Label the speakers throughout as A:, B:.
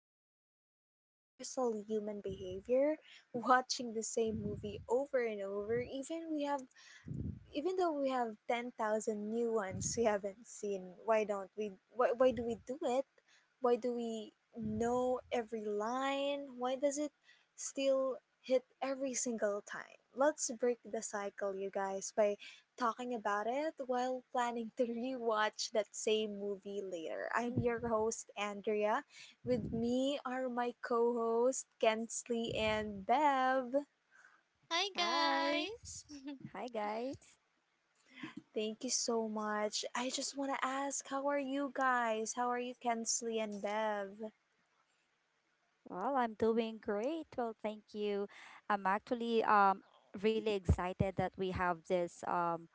A: we're talking about a universal human behavior, watching the same movie over and over, even though we have 10,000 new ones we haven't seen, why don't we why do we do it? Why do we know every line? Why does it still hit every single time? Let's break the cycle, you guys, by talking about it while planning to rewatch that same movie later.
B: Mhm.
A: I'm your host, Andrea. With me are my co host, Kensley and Bev.
C: Hi
B: Hi.
C: guys.
B: Hi guys.
A: Thank you so much. I just want to ask, how are you guys? How are you, Kensley and Bev?
B: Well, I'm doing great. Well, thank you. I'm actually really excited that we have this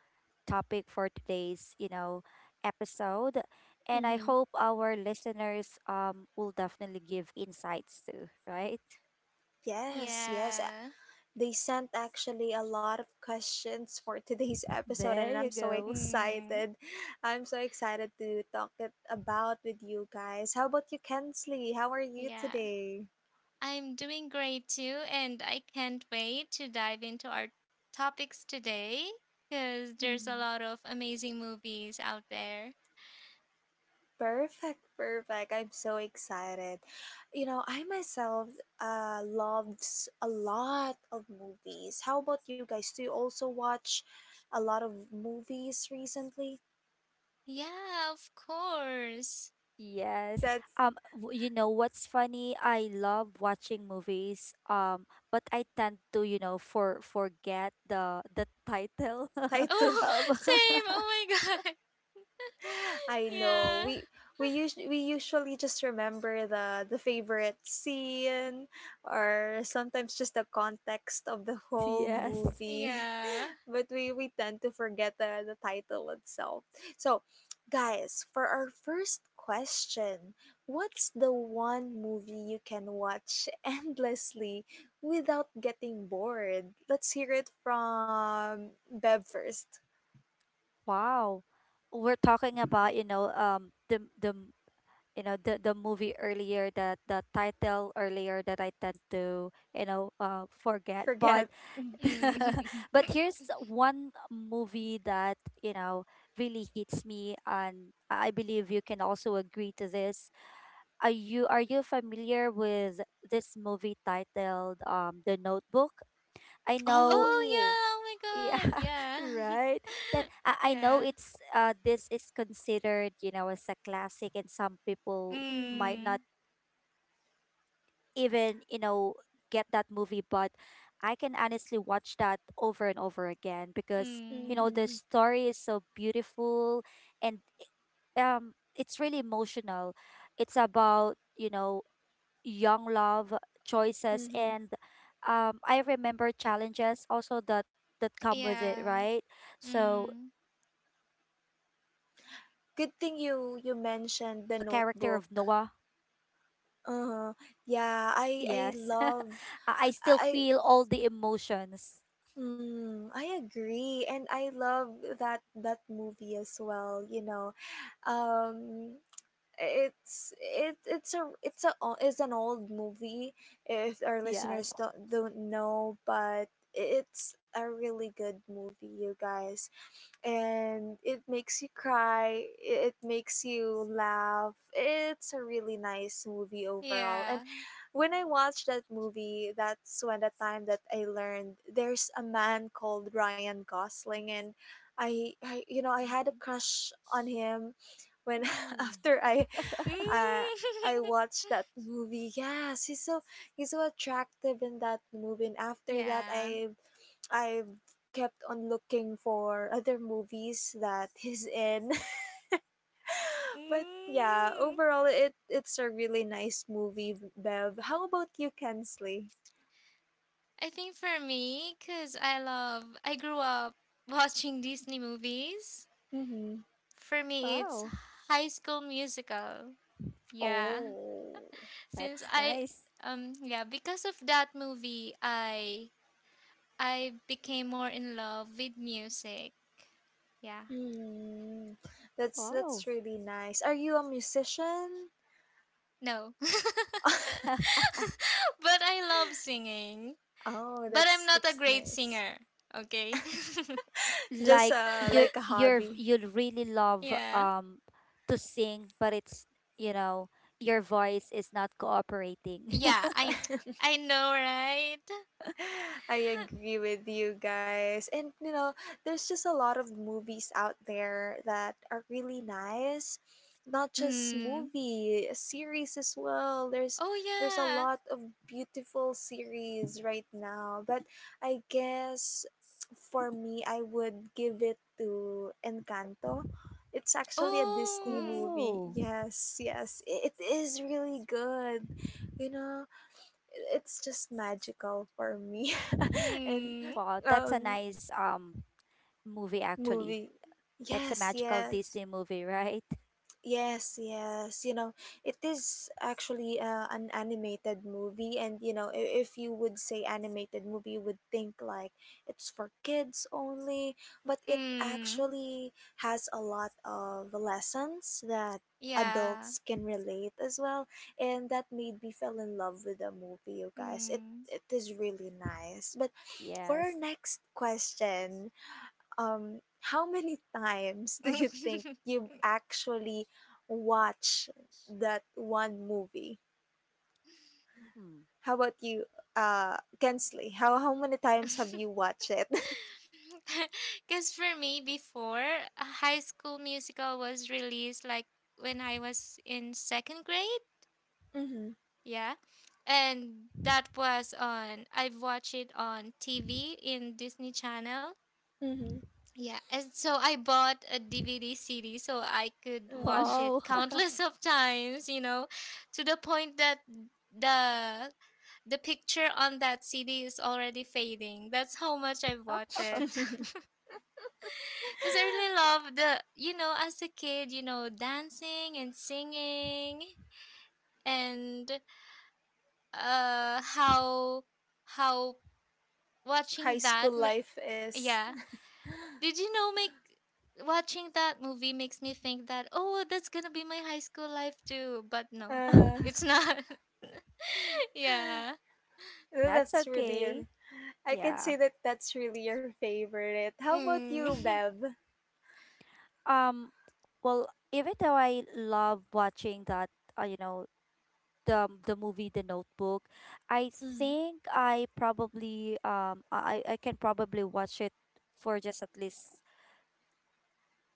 B: topic for today's, episode, and I
A: Mm-hmm.
B: hope our listeners will definitely give insights too, right?
A: Yes, yes. uh,
C: Yeah.
A: They sent actually a lot of questions for today's episode,
B: There
A: and
B: you
A: I'm so
B: go.
C: Mm,
A: excited. I'm so excited to talk it about with you guys. How about you, Kensley? How are you
C: yeah.
A: today?
C: I'm doing great too, and I can't wait to dive into our topics today cuz there's a lot of amazing movies out there.
A: Perfect, perfect. I'm so excited. You know, I myself loves a lot of movies. How about you guys? Do you also watch a lot of movies recently?
C: Yeah, of course.
B: Yes.
A: That's
B: You know what's funny? I love watching movies. But I tend to, you know, forget the title.
A: title.
C: Oh,
B: Um,
C: same. Oh my god.
A: I know.
C: Yeah.
A: We usually just remember the favorite scene, or sometimes just the context of the whole
B: yes.
A: movie,
C: Yeah.
A: but we tend to forget the title itself. So, guys, for our first question, what's the one movie you can watch endlessly without getting bored? Let's hear it from Bev first.
B: Wow. We're talking about, you know, you know the movie earlier, that the title earlier that I tend to, you know, forget. But
A: Forget.
C: Mm.
B: but here's one movie that, you know, really hits me, and I believe you can also agree to this. Are you familiar with this movie titled The Notebook? I know.
A: Oh.
C: Oh yeah. Oh my god.
B: Yeah,
C: Yeah.
B: right. then i, I know
C: Yeah.
B: it's this is considered, you know, as a classic, and some people might
A: Mhm.
B: not
C: Mm.
B: even, you know, get that movie, but I can honestly watch that over and over again because, you know,
C: Mm.
B: the
A: Mhm,
B: story is so beautiful, and it's really emotional. It's about, you know, young love, choices,
A: mhm.
B: and I remember challenges also that come with it,
C: Yeah.
B: right? So
C: Mm,
B: the chemistry between the,
A: Good thing you
B: you know,
A: mentioned The
B: the
A: Notebook.
B: character of Noah.
A: Uh-huh. Yeah,
B: Yes. I I still
A: I
B: feel all the emotions.
A: I agree, and I love that movie as well, you know. Um it's it it's a o- it's an old movie, if our listeners don't
B: Yes.
A: know, but it's a really good movie, you guys, and it makes you cry, it makes you laugh, it's a really nice movie overall. And
C: yeah.
A: when I watched that movie, that's when the time that I learned there's a man called Ryan Gosling, and I you know I had a crush
B: Mhm.
A: on him when after i
B: Ooh.
A: I I
C: Mm.
A: watched that movie. Yes, he's so attractive in that movie. And after that,
C: Yeah.
A: I kept on looking for other movies that he's in. But yeah,
C: Mm.
A: overall, it's a really nice movie. Bev, how about you, Kensley?
C: I think for me, because I grew up watching Disney movies.
A: Mm-hmm.
C: For me, it's
B: Wow,
C: High School Musical. Yeah.
A: Oh.
C: Since
B: that's
C: I,
B: nice.
C: yeah, because of that movie, I became more in love with music. Yeah.
A: Hmm. That's
B: Wow.
A: really nice. Are you a musician?
C: No. But I love singing.
A: Oh,
C: But I'm
A: that's
C: not a
A: that's
C: great
A: nice.
C: singer. Okay.
A: Just
B: Like you're,
A: like a hobby.
B: you really love
C: Yeah.
B: to sing, but it's, you know, your voice is not cooperating.
C: Yeah, I I know, right?
A: I agree with you guys. And you know, there's just a lot of movies out there that are really nice. Not just
C: Mm.
A: movie, series as well. There's
C: Oh
A: there's a
C: yeah.
A: lot of beautiful series right now. But I guess for me I would give it to Encanto. It's actually a Disney
C: Oh.
A: movie.
B: Oh,
A: Yes, yes. It is really good. You know, it's just magical for me and
C: Mm.
B: wow, that's a
A: um
B: nice movie actually.
A: movie.
B: That's a
A: Yes,
B: magical
A: yes.
B: Disney movie, right?
A: Yes, yes. You know, it is actually an animated movie, and you know, if you would say animated movie, you would think like it's for kids only, but it
C: Mm.
A: actually has a lot of lessons that
C: Yeah.
A: adults can relate as well, and that made me fell in love with the movie, you guys. It
C: Mm.
A: it is really nice. But for our
B: Yes.
A: next question, how many times do you think you've actually watched that one movie?
B: Hmm.
A: How about you, Kensley? How many times have you watched it?
C: Cuz for me, before a High School Musical was released, like when I was in 2nd grade,
A: Mm-hmm.
C: yeah. And that was on I've watched it on TV in Disney Channel. Yeah, and so I bought a DVD CD so I could
A: Mm-hmm.
C: watch
A: Mm.
C: it
B: Wow.
C: countless of times, you know, to the point that the the picture on that CD is already fading. That's how much I've watched it. Cuz I really love you know, as a kid, you know, dancing and singing, and uh how how
A: High
C: watching
A: school
C: that ma-
A: life is.
C: yeah, Did you know make watching that movie makes me think that, oh, that's gonna be my high school life too, but no.
A: Uh,
C: It's not. Yeah.
A: well,
B: That's
A: that's really
B: okay.
A: your. I can
B: Yeah.
A: say that that's really your favorite. How about you,
C: Mm.
A: Bev?
B: Um, well, even though I love watching that, you know, the movie The Notebook, I
A: Mm-hmm.
B: think I probably I can probably watch it for just at least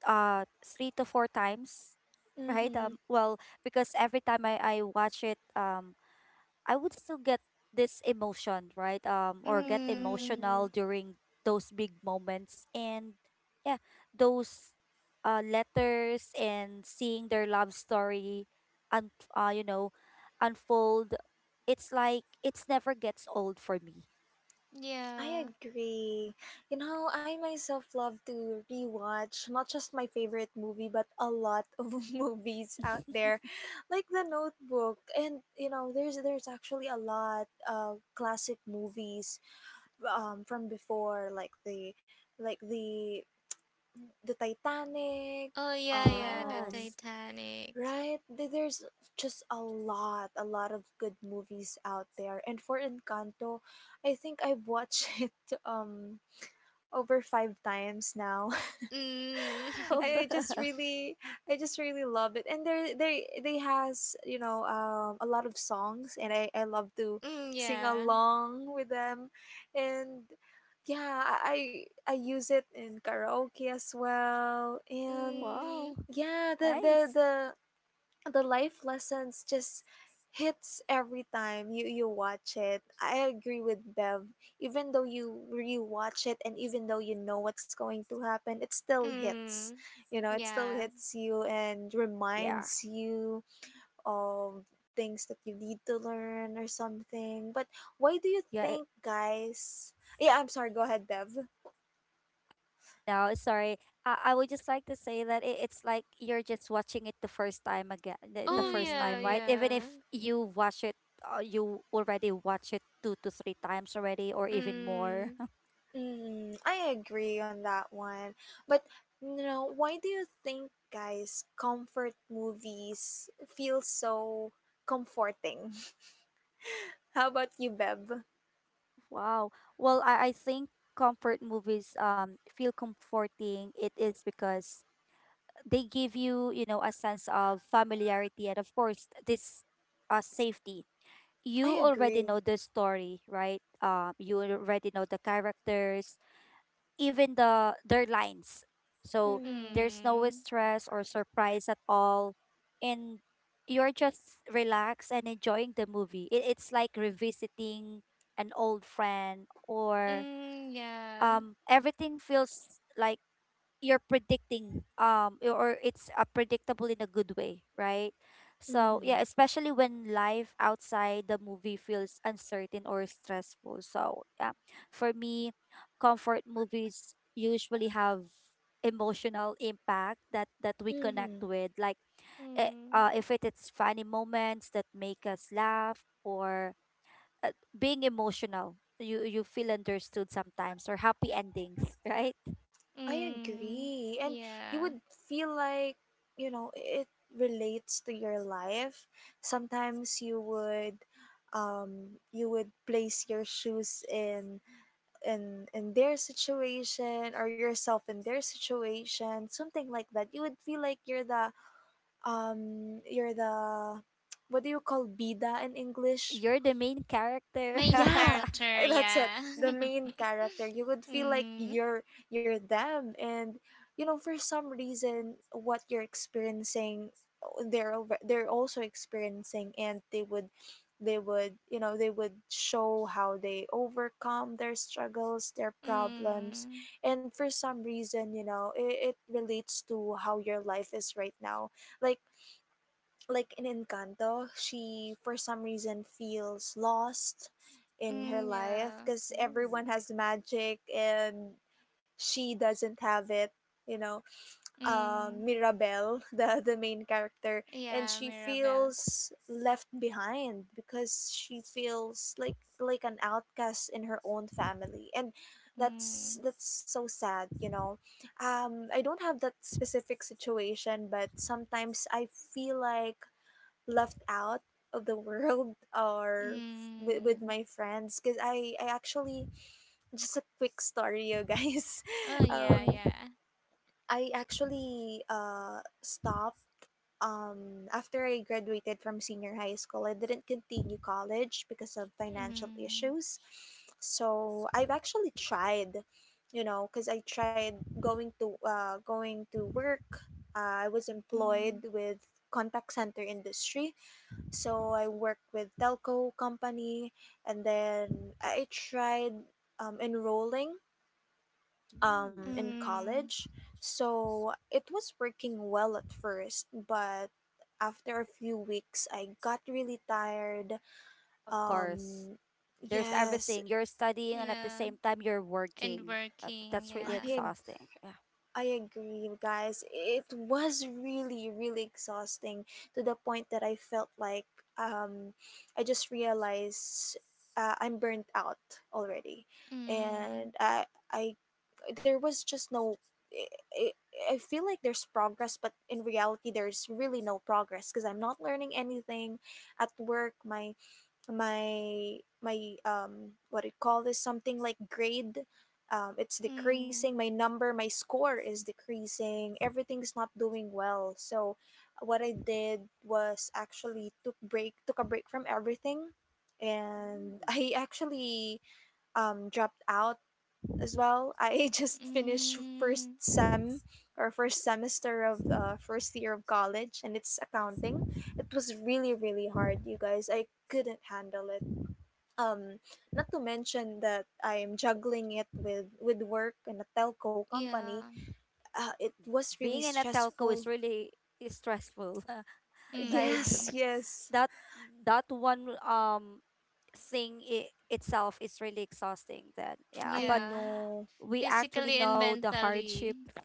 B: three to four times, right? Well, because every time I watch it, um, I would still get this emotion, right? Or get
C: Mm.
A: Mm-hmm.
B: emotional during those big moments. And yeah, those letters and seeing their love story and, you know, unfold, it's like it's never gets old for me.
A: I
C: Yeah.
A: agree. You know, I myself love to rewatch not just my favorite movie, but a lot of movies out there, like The Notebook. And you know, there's actually a lot of classic movies from before, like like the the Titanic.
C: Oh yeah, yeah, the
A: Um,
B: Yes.
C: Titanic.
A: right? There's just a lot of good movies out there. And for Encanto, I think I've watched it. Um, Over five times now.
B: Oh,
C: Mm.
A: I I just really, I just really love it, and they has you know a lot of songs, and I love to
C: Mm
A: sing
C: yeah.
A: along with them, and yeah, I use it in karaoke as well, and
B: wow.
C: Mm.
A: yeah, the the
B: Nice.
A: the the life lessons just hits every time you watch it. I agree with Bev. Even though you rewatch it, and even though you know what's going to happen, it still hits.
C: Mm.
A: It still
C: Yeah.
A: hits you
B: Yeah.
A: and reminds you of things that you need to learn or something. But why
B: Yeah.
A: do
B: It,
A: you think guys yeah, I'm sorry, go ahead, Bev.
B: no, sorry. I would just like to say that it, it's like you're just watching it the first time again, the
C: Oh
B: first time,
C: yeah,
A: Hmm.
B: right? Even
C: yeah.
B: if you watch it, you already watch it two to three times already, or even more.
C: Mm.
A: Mm, I agree on that one. But you know, why do you think guys comfort movies feel so comforting? How about you, Beb?
B: Wow. Well, I think comfort movies feel comforting. It is because they give you, you know, a sense of familiarity and of course this safety.
A: I
B: You already
A: agree.
B: know the story, right? You already know the characters, even their lines. So
A: Mm-hmm.
B: there's no
C: Mm.
B: stress or surprise at all, and you're just relaxed and enjoying the movie. It, it's like revisiting an old friend, or
C: Mm, yeah.
B: everything feels like you're predicting or it's, predictable in a good way, right? So
A: Mm-hmm.
B: yeah, especially when life outside the movie feels uncertain or stressful. So yeah, for me, comfort movies usually have emotional impact that we connect
A: Mm-hmm.
B: with, like
C: Mm.
B: if it is funny moments that make us laugh, or uh, being emotional, you feel understood sometimes, or happy endings, right?
A: I
C: Mm.
A: agree. And you
C: Yeah.
A: would feel like, it relates to your life. Sometimes you would place your shoes in in their situation, or yourself in their situation, something like that. You would feel like you're the um you're the what do you call bida in English.
B: You're the main character.
C: Main
A: Yeah,
C: character,
A: that's it.
C: yeah.
A: The main character. You would feel like
C: Mm,
A: you're them, and for some reason what you're experiencing, they're also experiencing, and they would show how they overcome their struggles, their problems,
C: mm,
A: and for some reason it relates to how your life is right now. Like like in Encanto, she for some reason feels lost in her
C: mm,
A: life
C: yeah.
A: because
B: Oh,
A: everyone has magic and she doesn't have it. You know,
C: Mm,
A: Mirabel, the main character, and
C: yeah,
A: she
C: Mirabelle.
A: feels left behind because she feels like an outcast in her own family, and that's
C: Mm,
A: that's so sad. You know, I don't have that specific situation, but sometimes I feel like left out of the world or with
C: mm.
A: my friends, because I actually just a quick story, you guys.
C: Oh, yeah,
A: um
C: yeah.
A: I actually Stopped. After I graduated from senior high school, I didn't continue college because of financial
C: Mm,
A: issues, so I've actually tried, because I tried going to work. I was
C: mm,
A: employed with contact center industry, so I worked with telco company, and then I tried enrolling
B: mm.
A: in
C: mm,
A: college. So it was working well at first, but after a few weeks, I got really tired.
B: Of course.
A: Um,
B: There's
A: yes,
B: everything. You're studying and at the
C: yeah.
B: same time you're
C: And
B: working.
C: working,
B: That's really
C: yeah.
A: I
B: exhausting. Yeah.
A: I agree, you guys. It was really, really exhausting, to the point that I felt like um, I just realized I'm burnt out already,
C: Mm,
A: and I, there was just no. I, I I feel like there's progress, but in reality, there's really no progress because I'm not learning anything at work. My what do you call this, something like grade. It's decreasing,
C: mm,
A: my score is decreasing, everything's not doing well. So what I did was actually took a break from everything, and
B: Mm.
A: I actually dropped out as well. I just finished
C: mm,
A: first semester of first year of college, and it's accounting. It was really, really hard, you guys, I couldn't handle it. um Not to mention that I am juggling it with work and a telco company.
C: yeah.
A: It was really
B: Being in a telco is
A: stressful.
B: really is stressful, right?
A: Yes,
C: Mm,
A: yes,
B: That that one thing I itself is really exhausting then. Yeah,
A: I
B: but
C: yeah.
A: know.
B: we actually
C: Physically and
B: know the hardship.
C: mentally.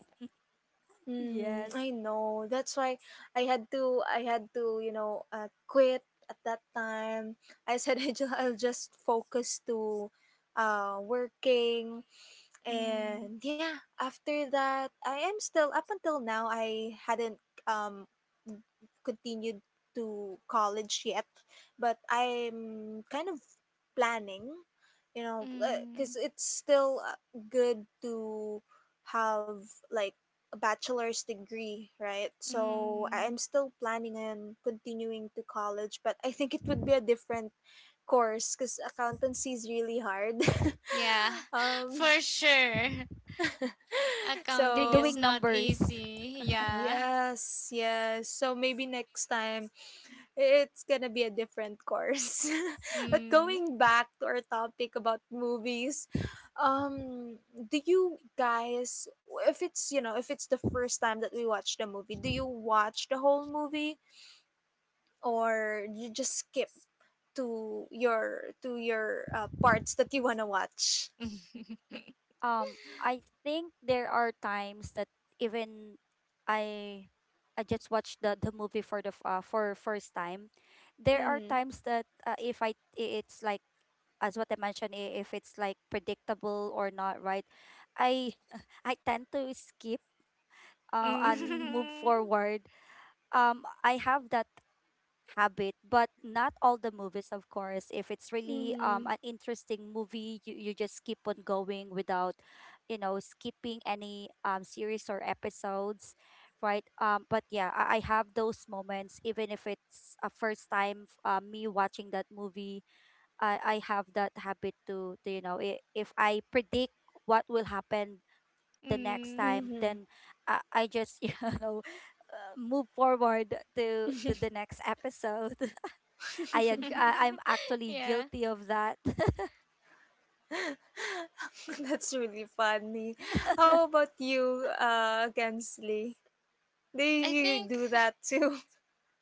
A: I
B: Yes.
A: know, that's why I had to you know quit. At that time I said, I'll just focus to working.
C: Mm,
A: And yeah, after that, I am still, up until now, I hadn't um continued to college yet, but I'm kind of planning, you know
C: mm,
A: because it's still
B: Mm.
A: good to have like a bachelor's degree, right? So
C: mm.
A: I'm still planning on continuing to college, but I think it would be a different course because accountancy is really hard.
C: Yeah,
A: um
C: for sure.
B: You're
C: Accounting
B: doing
A: so
C: is not
B: numbers.
C: easy. Yeah.
A: yes, yes. So maybe next time it's gonna be a different course. But
C: Mm.
A: going back to our topic about movies, um, do you guys, if it's, if it's the first time that we watch the movie, do you watch the whole movie, or you just skip to your to your parts that you wanna watch?
B: I think there are times that even I I just watched the movie for the for first time. There are
A: Mm-hmm.
B: times that if it's like, as what I mentioned, if it's like predictable or not, right? I I tend to skip and
A: Mm-hmm.
B: move
C: Mm.
B: forward. I have that habit, but not all the movies, of course. If it's really
A: Mm-hmm.
B: an interesting movie, you just keep on going without, you know, skipping any series or episodes, right? Um, but yeah, I have those moments even if it's a first time, me watching that movie. I have that habit to, you know, if I predict what will happen the next
C: Mm.
B: time, then I just you know, move forward to the next episode.
A: Mm-hmm.
B: I'm actually
C: Yeah.
B: guilty of that.
A: That's really funny. How about you, Gensley? Do
C: I
A: you
C: think
A: do that too?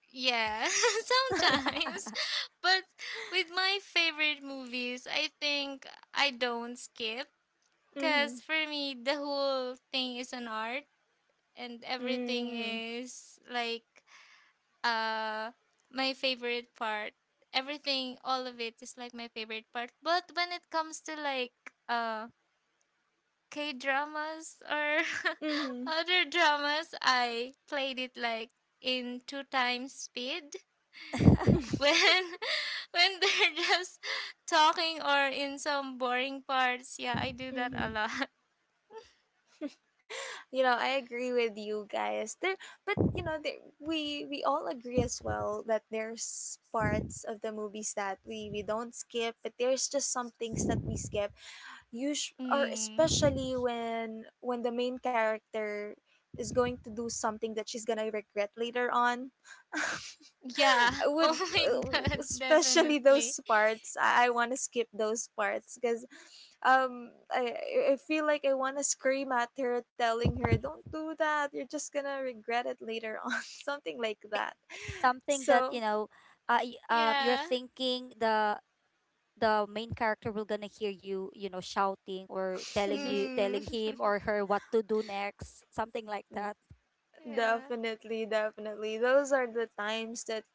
C: yeah, sometimes. But with my favorite movies, I think I don't skip cuz
A: Mm-hmm.
C: for me the whole thing is an art, and everything
A: Mm-hmm.
C: is like uh my favorite part. Everything, all of it is like my favorite part. But when it comes to like uh k dramas or
A: Mm-hmm.
C: other dramas, I played it like in two times speed when when they're just talking or in some boring parts, yeah, I do that a
A: Mm-hmm.
C: lot.
A: You know, I agree with you guys. There, but you know, there, we all agree as well that there's parts of the movies that we don't skip, but there's just some things that we skip. Or
C: Mm.
A: especially when the main character is going to do something that she's gonna regret later on.
C: Yeah.
A: I
C: Oh
A: would,
C: my god,
A: especially
C: definitely.
A: those parts. I want to skip those parts because um I feel like I want to scream at her, telling her, "Don't do that. You're just gonna regret it later on." Something like that.
B: It's something that, you
A: So
B: know, you're
C: Yeah.
B: thinking the main character will gonna hear you, you know, shouting or telling you, telling him
C: Mm.
B: or her what to do next, something like that.
C: Yeah.
A: definitely, definitely, those are the times that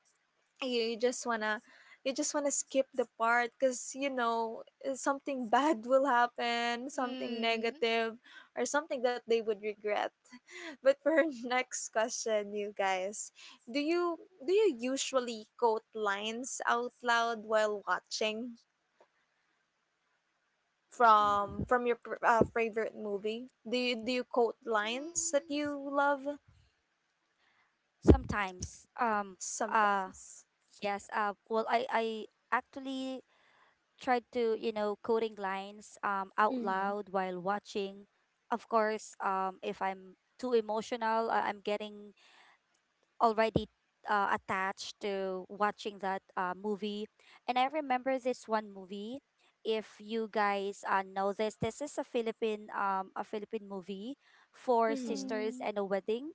A: you, you just wanna skip the part because you know, something bad will happen, something
C: Mm.
A: negative, or something that they would regret. but for our next question, you guys, do you do you usually quote lines out loud while watching
B: Hmm.
A: from your favorite movie? Do you quote lines that
C: Mm,
A: you love?
B: Sometimes uh
A: Sometimes.
B: yes. Well I actually tried to, you know, coding lines out
A: Mm-hmm.
B: loud while watching, of course. If I'm too emotional, I- I'm getting already attached to watching that, movie. And I remember this one movie, if you guys, know this, this is a Philippine, a Philippine movie, Four
A: Mm-hmm.
B: Sisters
C: mm.
B: and a Wedding.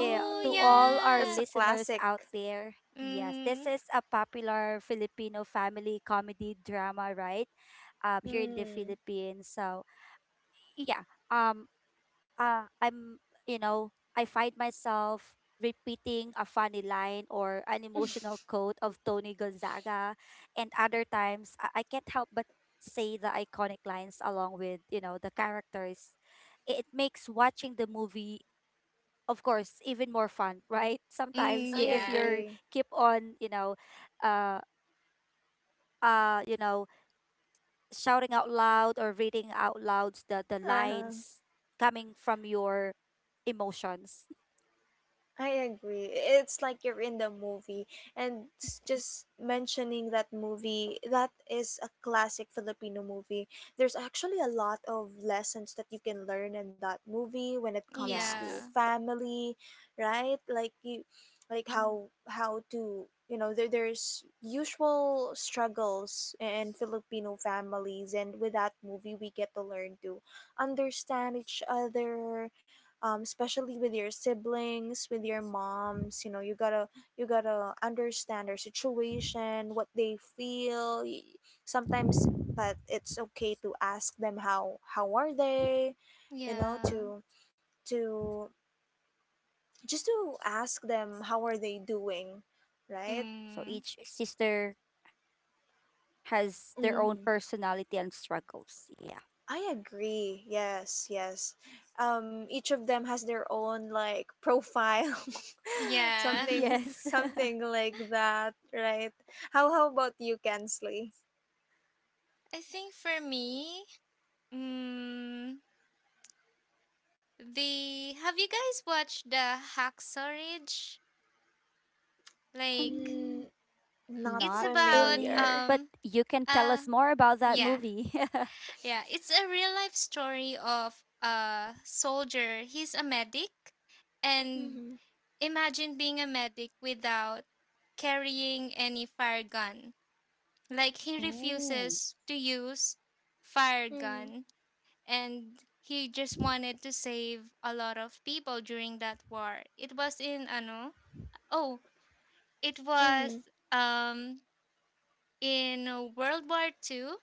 B: To all our
C: yeah.
A: that's a
B: listeners
A: classic.
B: out there, yes, this
C: Mhm.
B: is a popular Filipino family comedy drama, right? Here in the
A: Mm.
B: Philippines. So yeah, um, I'm, you know, I find myself repeating a funny line or an emotional quote of Tony Gonzaga, and other times, I can't help but say the iconic lines along with, you know, the characters. It makes watching the movie, of course, even more fun, right?
C: Mm,
B: Sometimes,
A: I
B: if
C: yeah.
B: you're
A: agree.
B: keep on, you know, uh you know, shouting out loud or reading out loud the
A: Uh-huh.
B: lines coming from your emotions.
A: I agree. It's like you're in the movie, and just mentioning that movie, that is a classic Filipino movie. There's actually a lot of lessons that you can learn in that movie when it comes to
C: Yeah.
B: Yes,
A: family, right? Like
C: Mm,
A: how to you know, there's usual struggles in Filipino families, and with that movie, we get to learn to understand each other, especially with your siblings, with your moms. You know, you gotta understand their situation, what they feel. Sometimes that it's okay to ask them how are they, you know,
C: yeah.
A: to just to ask them how are
B: well,
A: they
B: the
A: doing,
B: character
A: right?
B: relatable,
C: Mm,
B: so each sister has their own
A: Hmm.
B: personality and struggles, yeah.
A: I agree. Yes, yes. Each of them has their own like profile,
C: yeah.
A: something, something
B: Yes.
A: like that, right? How about you, Kensley?
C: I think for me, mm, the have you guys watched the Hacksaw Ridge? Like,
B: Um,
A: Mm, not
C: it's
B: not
C: about,
B: really,
A: familiar.
B: but you can tell
C: uh
B: us more about that
C: yeah.
B: movie.
C: Yeah, it's a real life story of a soldier. He's a medic. And
A: Mm-hmm.
C: imagine being a medic without carrying any fire gun. Like, he
B: Oh,
C: refuses to use fire
A: Mm-hmm.
C: gun, and he just wanted to save a lot of people during that war. It was in ano? Oh, it
A: Mm-hmm.
C: was in World War II.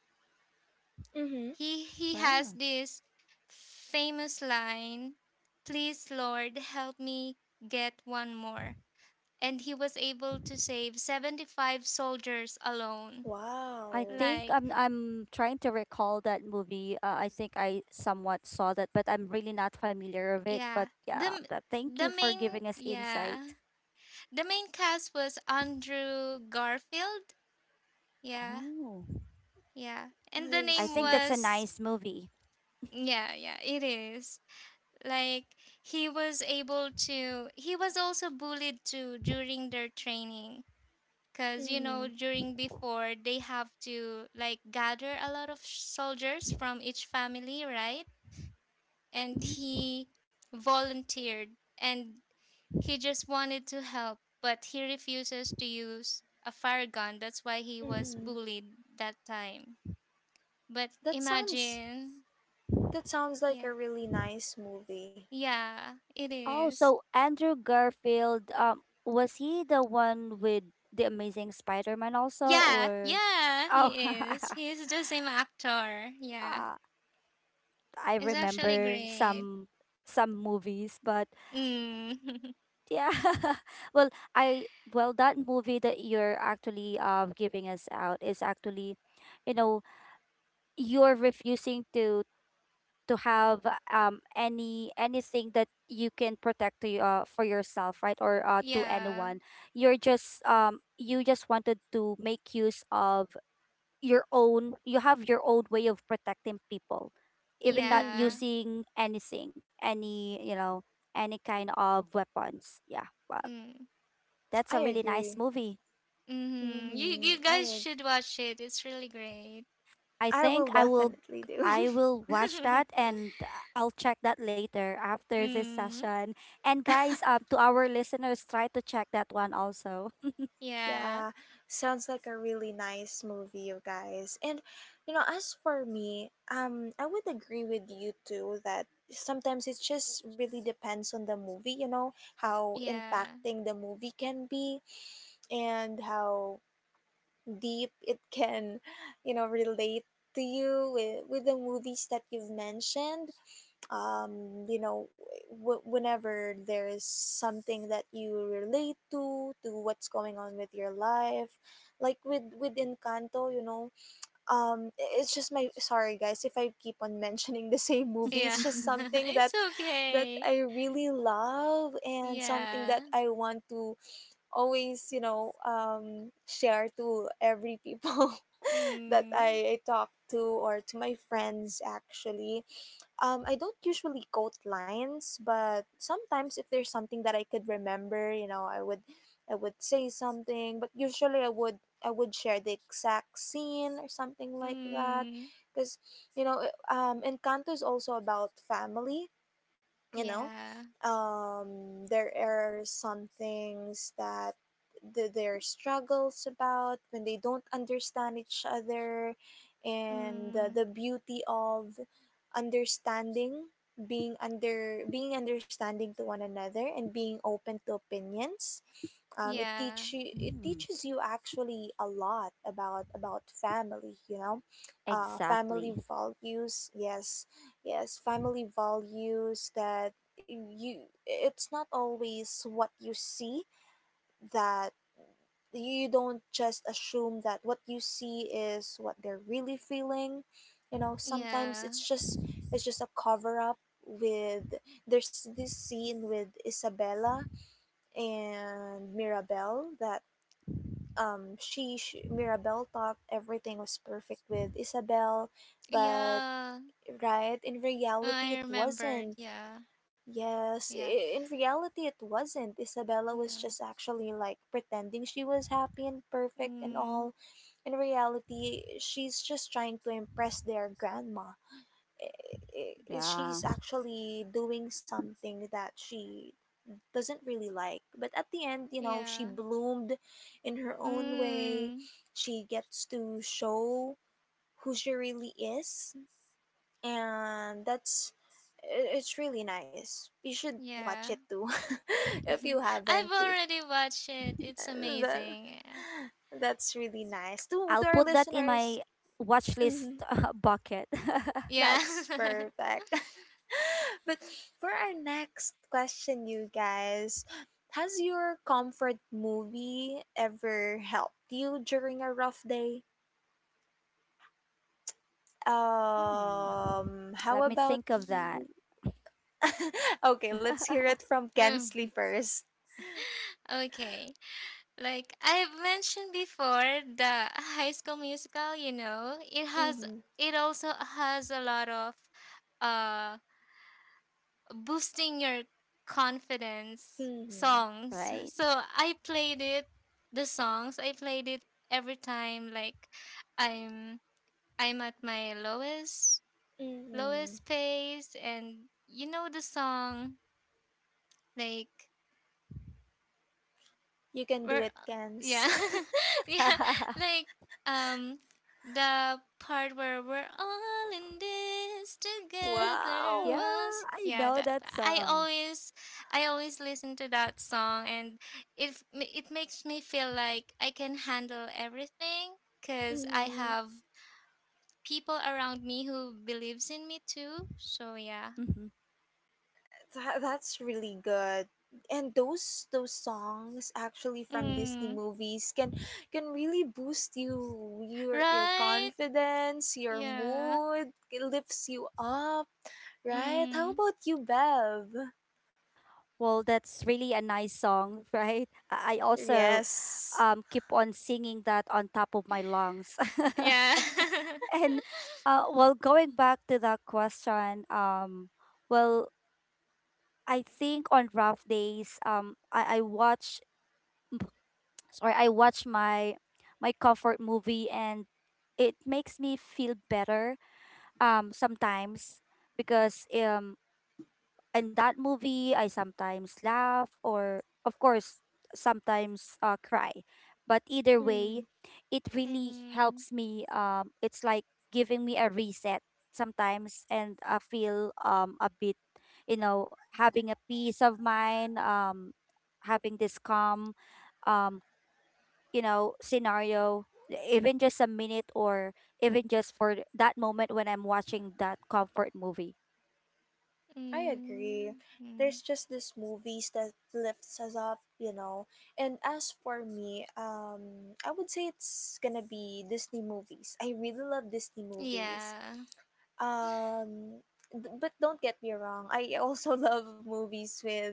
A: Mm-hmm.
C: He has
B: wow.
C: this famous line, "Please Lord, help me get one more." And he was able to save 75 soldiers alone.
B: I
A: Wow.
B: think
C: Like,
B: I'm trying to recall that movie. I think I somewhat saw that, but I'm really not familiar with it. But
C: yeah.
B: yeah, but thank
C: The
B: you for
C: main
B: giving us
C: yeah.
B: insight.
C: The main cast was Andrew Garfield. Yeah.
B: Oh,
C: Yeah. And the
A: I
B: I
C: name
B: think
A: see.
B: that's a
C: was
B: nice movie.
C: Yeah, yeah, it is. Like, he was also bullied too during their training. Because, you
A: Mm-hmm.
C: know, during before, they have to like gather a lot of soldiers from each family, right? And
B: Mhm.
C: he volunteered, and he just wanted to help, but he refuses to use a fire gun. That's why he was
A: Mm-hmm.
C: bullied that time. But
A: That sounds
C: imagine,
A: that sounds like
C: yeah,
A: a really nice movie.
C: yeah, it
B: Oh,
C: is.
B: so Andrew Garfield, was he the one with the Amazing Spider-Man also,
C: Yeah,
B: or?
C: yeah,
B: Oh,
C: he is. He's the same actor. Yeah,
B: ah, I
C: it's actually
B: remember
C: great.
B: some movies, but
C: Mm.
B: yeah. Well, I well, that movie that you're actually giving us out is actually, you know, you're refusing to have any anything that you can protect to you, for yourself, right? Or to
C: Yeah.
B: anyone. You're just you just wanted to make use of your own. You have your own way of protecting people, even not
A: Mm-hmm.
C: Yeah.
B: using anything, any, you know, any kind of weapons, yeah. Wow.
C: Mm.
B: That's
A: I
B: a really nice
A: agree.
B: movie.
C: Mm-hmm. You
A: Hmm.
C: you guys should watch it. It's really great.
B: I
A: I
B: think
A: will
B: I will,
A: definitely do.
B: I will watch that, and I'll check that later after this
C: Mm.
B: session. And guys, to our listeners, try to check that one also.
C: Yeah.
A: yeah, sounds like a really nice movie, you guys. And you know, as for me, I would agree with you too that sometimes it just really depends on the movie. You know how
C: Yeah.
A: impacting the movie can be, and how deep it can, you know, relate to you with the movies that you've mentioned. Um, you know, whenever there is something that you relate to, what's going on with your life, like with Encanto, you know. Um, it's just, my sorry guys if I keep on mentioning the same movie,
C: Yeah.
A: it's just something that
C: It's okay.
A: I really love and something that
C: Yeah.
A: I want to always, you know, um, share to every people that
C: Mm.
A: I talk to, or to my friends actually. Um, I don't usually quote lines, but sometimes if there's something that I could remember, you know, I would say something, but usually I would share the exact scene or something like that,
C: Mm.
A: because you know, Encanto is also about family, you know.
C: Yeah.
A: Um, there are some things that their struggles about when they don't understand each other, and
C: Mm.
A: the beauty of understanding, being understanding to one another and being open to opinions. Um,
C: Yeah.
A: it
B: Mm,
A: teaches you actually a lot about family, you know. Uh, family
B: exactly.
A: values. Yes, yes, family values. That you, it's not always what you see, that you don't just assume that what you see is what they're really feeling. You know, sometimes
C: Yeah.
A: it's just a cover up, with there's this scene with Isabella and Mirabel, that she, Mirabelle thought everything was perfect with Isabel, but
C: Yeah.
A: right, in reality,
C: I
A: it
C: remembered.
A: wasn't.
C: Yeah.
A: Yes,
C: Yeah.
A: in reality, it wasn't. Isabella was
C: Yeah.
A: just actually like pretending she was happy and perfect and
C: Mm.
A: all. In reality, she's just trying to impress their grandma. I-
B: Yeah.
A: She's actually doing something that she doesn't really like. But at the end, you know, she
C: Yeah.
A: bloomed in her own way.
C: Mm.
A: She gets to show who she really is, and that's, it's really nice. You should watch it
C: Yeah.
A: too if you
C: Mhm. I've
A: haven't.
C: already watched it. It's
A: Uh, That,
C: amazing. Yeah.
A: that's really
B: I'll
A: nice
B: put that
A: to
B: in
A: our
B: my
A: listeners.
B: watch list,
A: Mhm.
B: bucket.
A: That's perfect. but for our next question, you guys, has your comfort movie ever helped you during a rough day?
B: Hmm.
A: How
B: Let me
A: about
B: think of that.
A: you? okay, let's hear it from Kensley
C: Mm.
A: first.
C: Okay. Like I've mentioned before, the High School Musical, you know,
A: Mm-hmm.
C: it also has a lot of uh boosting your confidence
A: Mm-hmm.
C: songs.
B: right.
C: So I played it the songs. I played it every time like I'm I'm at my lowest
A: Mm-hmm.
C: lowest pace, and you know the song, like,
A: You can do
C: where
A: it, Kens.
C: yeah, yeah, like um the part where we're all in this
B: Stuck.
C: together,
B: Yeah,
A: wow.
C: us,
B: I
C: yeah,
B: know
C: that
B: that
C: i
B: song.
C: always i always listen to that song, and it makes me feel like I can handle everything because I
A: Mm-hmm.
C: have people around me who believes in me too, so yeah.
B: Mhm.
A: That's really good. And those songs actually from Disney
C: Mm,
A: movies can really boost you, your
C: right.
A: confidence, your
C: Yeah.
A: mood, it lifts you up, right? How
C: Mm.
A: about you, Bev?
B: Well, that's really a nice song, right? I also,
A: Yes.
B: keep on singing that on top of my lungs.
C: Yeah.
B: And well, going back to that question, well, I think on rough days, I watch, sorry, I watch my my comfort movie, and it makes me feel better sometimes, because in that movie, I sometimes laugh, or of course, sometimes cry. But either way,
A: Mm,
B: it really
C: Mm.
B: helps me. It's like giving me a reset sometimes, and I feel a bit, you know, having a peace of mind. Having this calm, um, you know, scenario. Even just a minute, or even just for that moment when I'm watching that comfort movie.
A: I agree.
C: Mm.
A: There's
C: Mm.
A: just these movies that lifts us up, you know. And as for me, I would say it's gonna be Disney movies. I really love Disney movies.
C: Yeah.
A: Um, but don't get me wrong, I also love movies with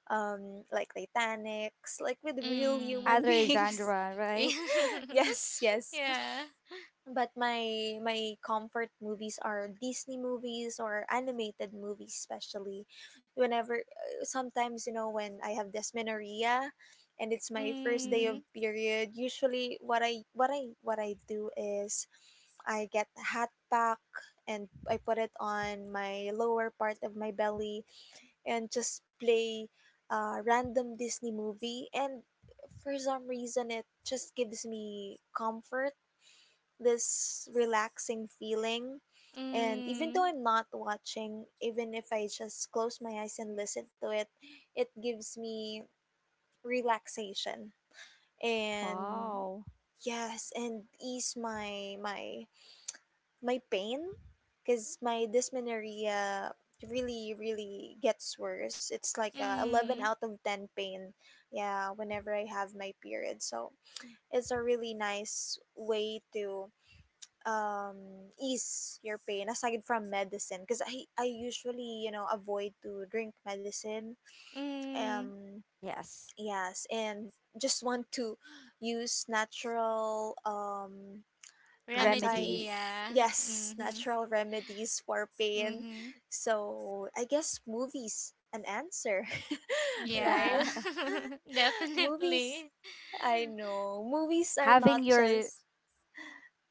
A: like Titanics, like with real
C: Mm.
A: human
B: Other
A: beings.
B: genre, right?
A: Yes, yes.
C: Yeah.
A: But my comfort movies are Disney movies or animated movies, especially. Whenever, sometimes, you know, when I have dysmenorrhea, and it's my first day of
B: Mm-hmm.
C: Mm.
A: period. Usually, what I what I do is, I get a hot pack and I put it on my lower part of my belly and just play a random Disney movie, and for some reason it just gives me comfort, this relaxing feeling. And even though
C: Mm.
A: I'm not watching, even if I just close my eyes and listen to it, it gives me relaxation and,
B: Wow.
A: yes, and ease my my pain, because my dysmenorrhea really gets worse. It's like a 11
C: Mm.
A: out of 10 pain. Yeah, whenever I have my period. So, it's a really nice way to ease your pain aside from medicine, because I usually, you know, avoid to drink medicine.
C: Mm.
A: Um,
B: Yes,
A: yes, and just want to use natural, um,
C: Remedy.
A: anti,
B: remedies.
C: Yeah.
A: yes,
C: Mhm.
A: natural remedies for pain.
C: Mhm.
A: So I guess movies an answer, right?
C: Yeah.
A: movies,
C: Definitely.
A: I know movies are
B: Having
A: not
B: your,
A: just,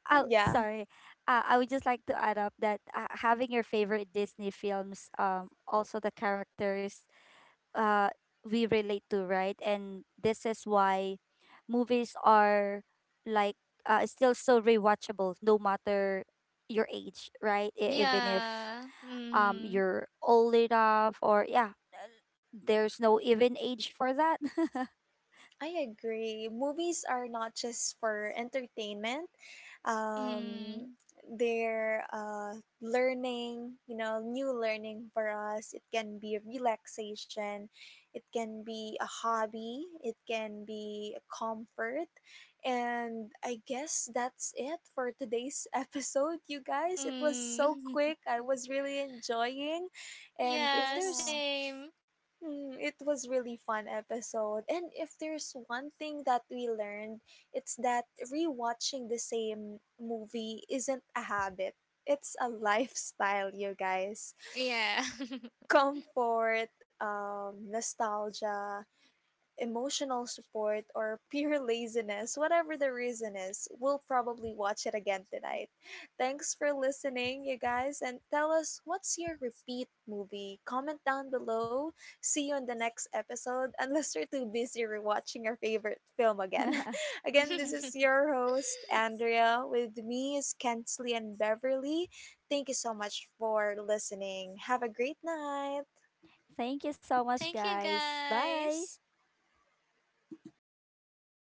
B: oh
A: yeah.
B: sorry, I would just like to add up that, having your favorite Disney films, also the characters, uh, we relate to, right? And this is why movies are like, still so rewatchable, no matter your age, right? E- even if
C: Yeah. Mhm.
B: you're old enough, or yeah, there's no even age for that.
A: I agree. Movies are not just for entertainment. Um,
C: Mm.
A: they're, learning, you know, new learning for us. It can be relaxation, it can be a hobby, it can be a comfort. And I guess that's it for today's episode, you guys. It was so
C: Mm.
A: quick. I was really enjoying. And if
C: Yeah.
B: Yeah.
A: there's,
C: Same.
A: mm, it was really fun episode. And if there's one thing that we learned, it's that rewatching the same movie isn't a habit. It's a lifestyle, you guys.
C: Yeah.
A: Comfort, nostalgia, emotional support, or pure laziness, whatever the reason is, we'll probably watch it again tonight. Thanks for listening, you guys, and tell us what's your repeat movie. Comment down below. See you in the next episode, unless you're too busy rewatching your favorite film again. again, this is your host, Andrea. With me is Kensley and Beverly. Thank you so much for listening. Have a great night.
B: Thank you so much,
C: Thank you,
B: guys. Bye.
C: guys.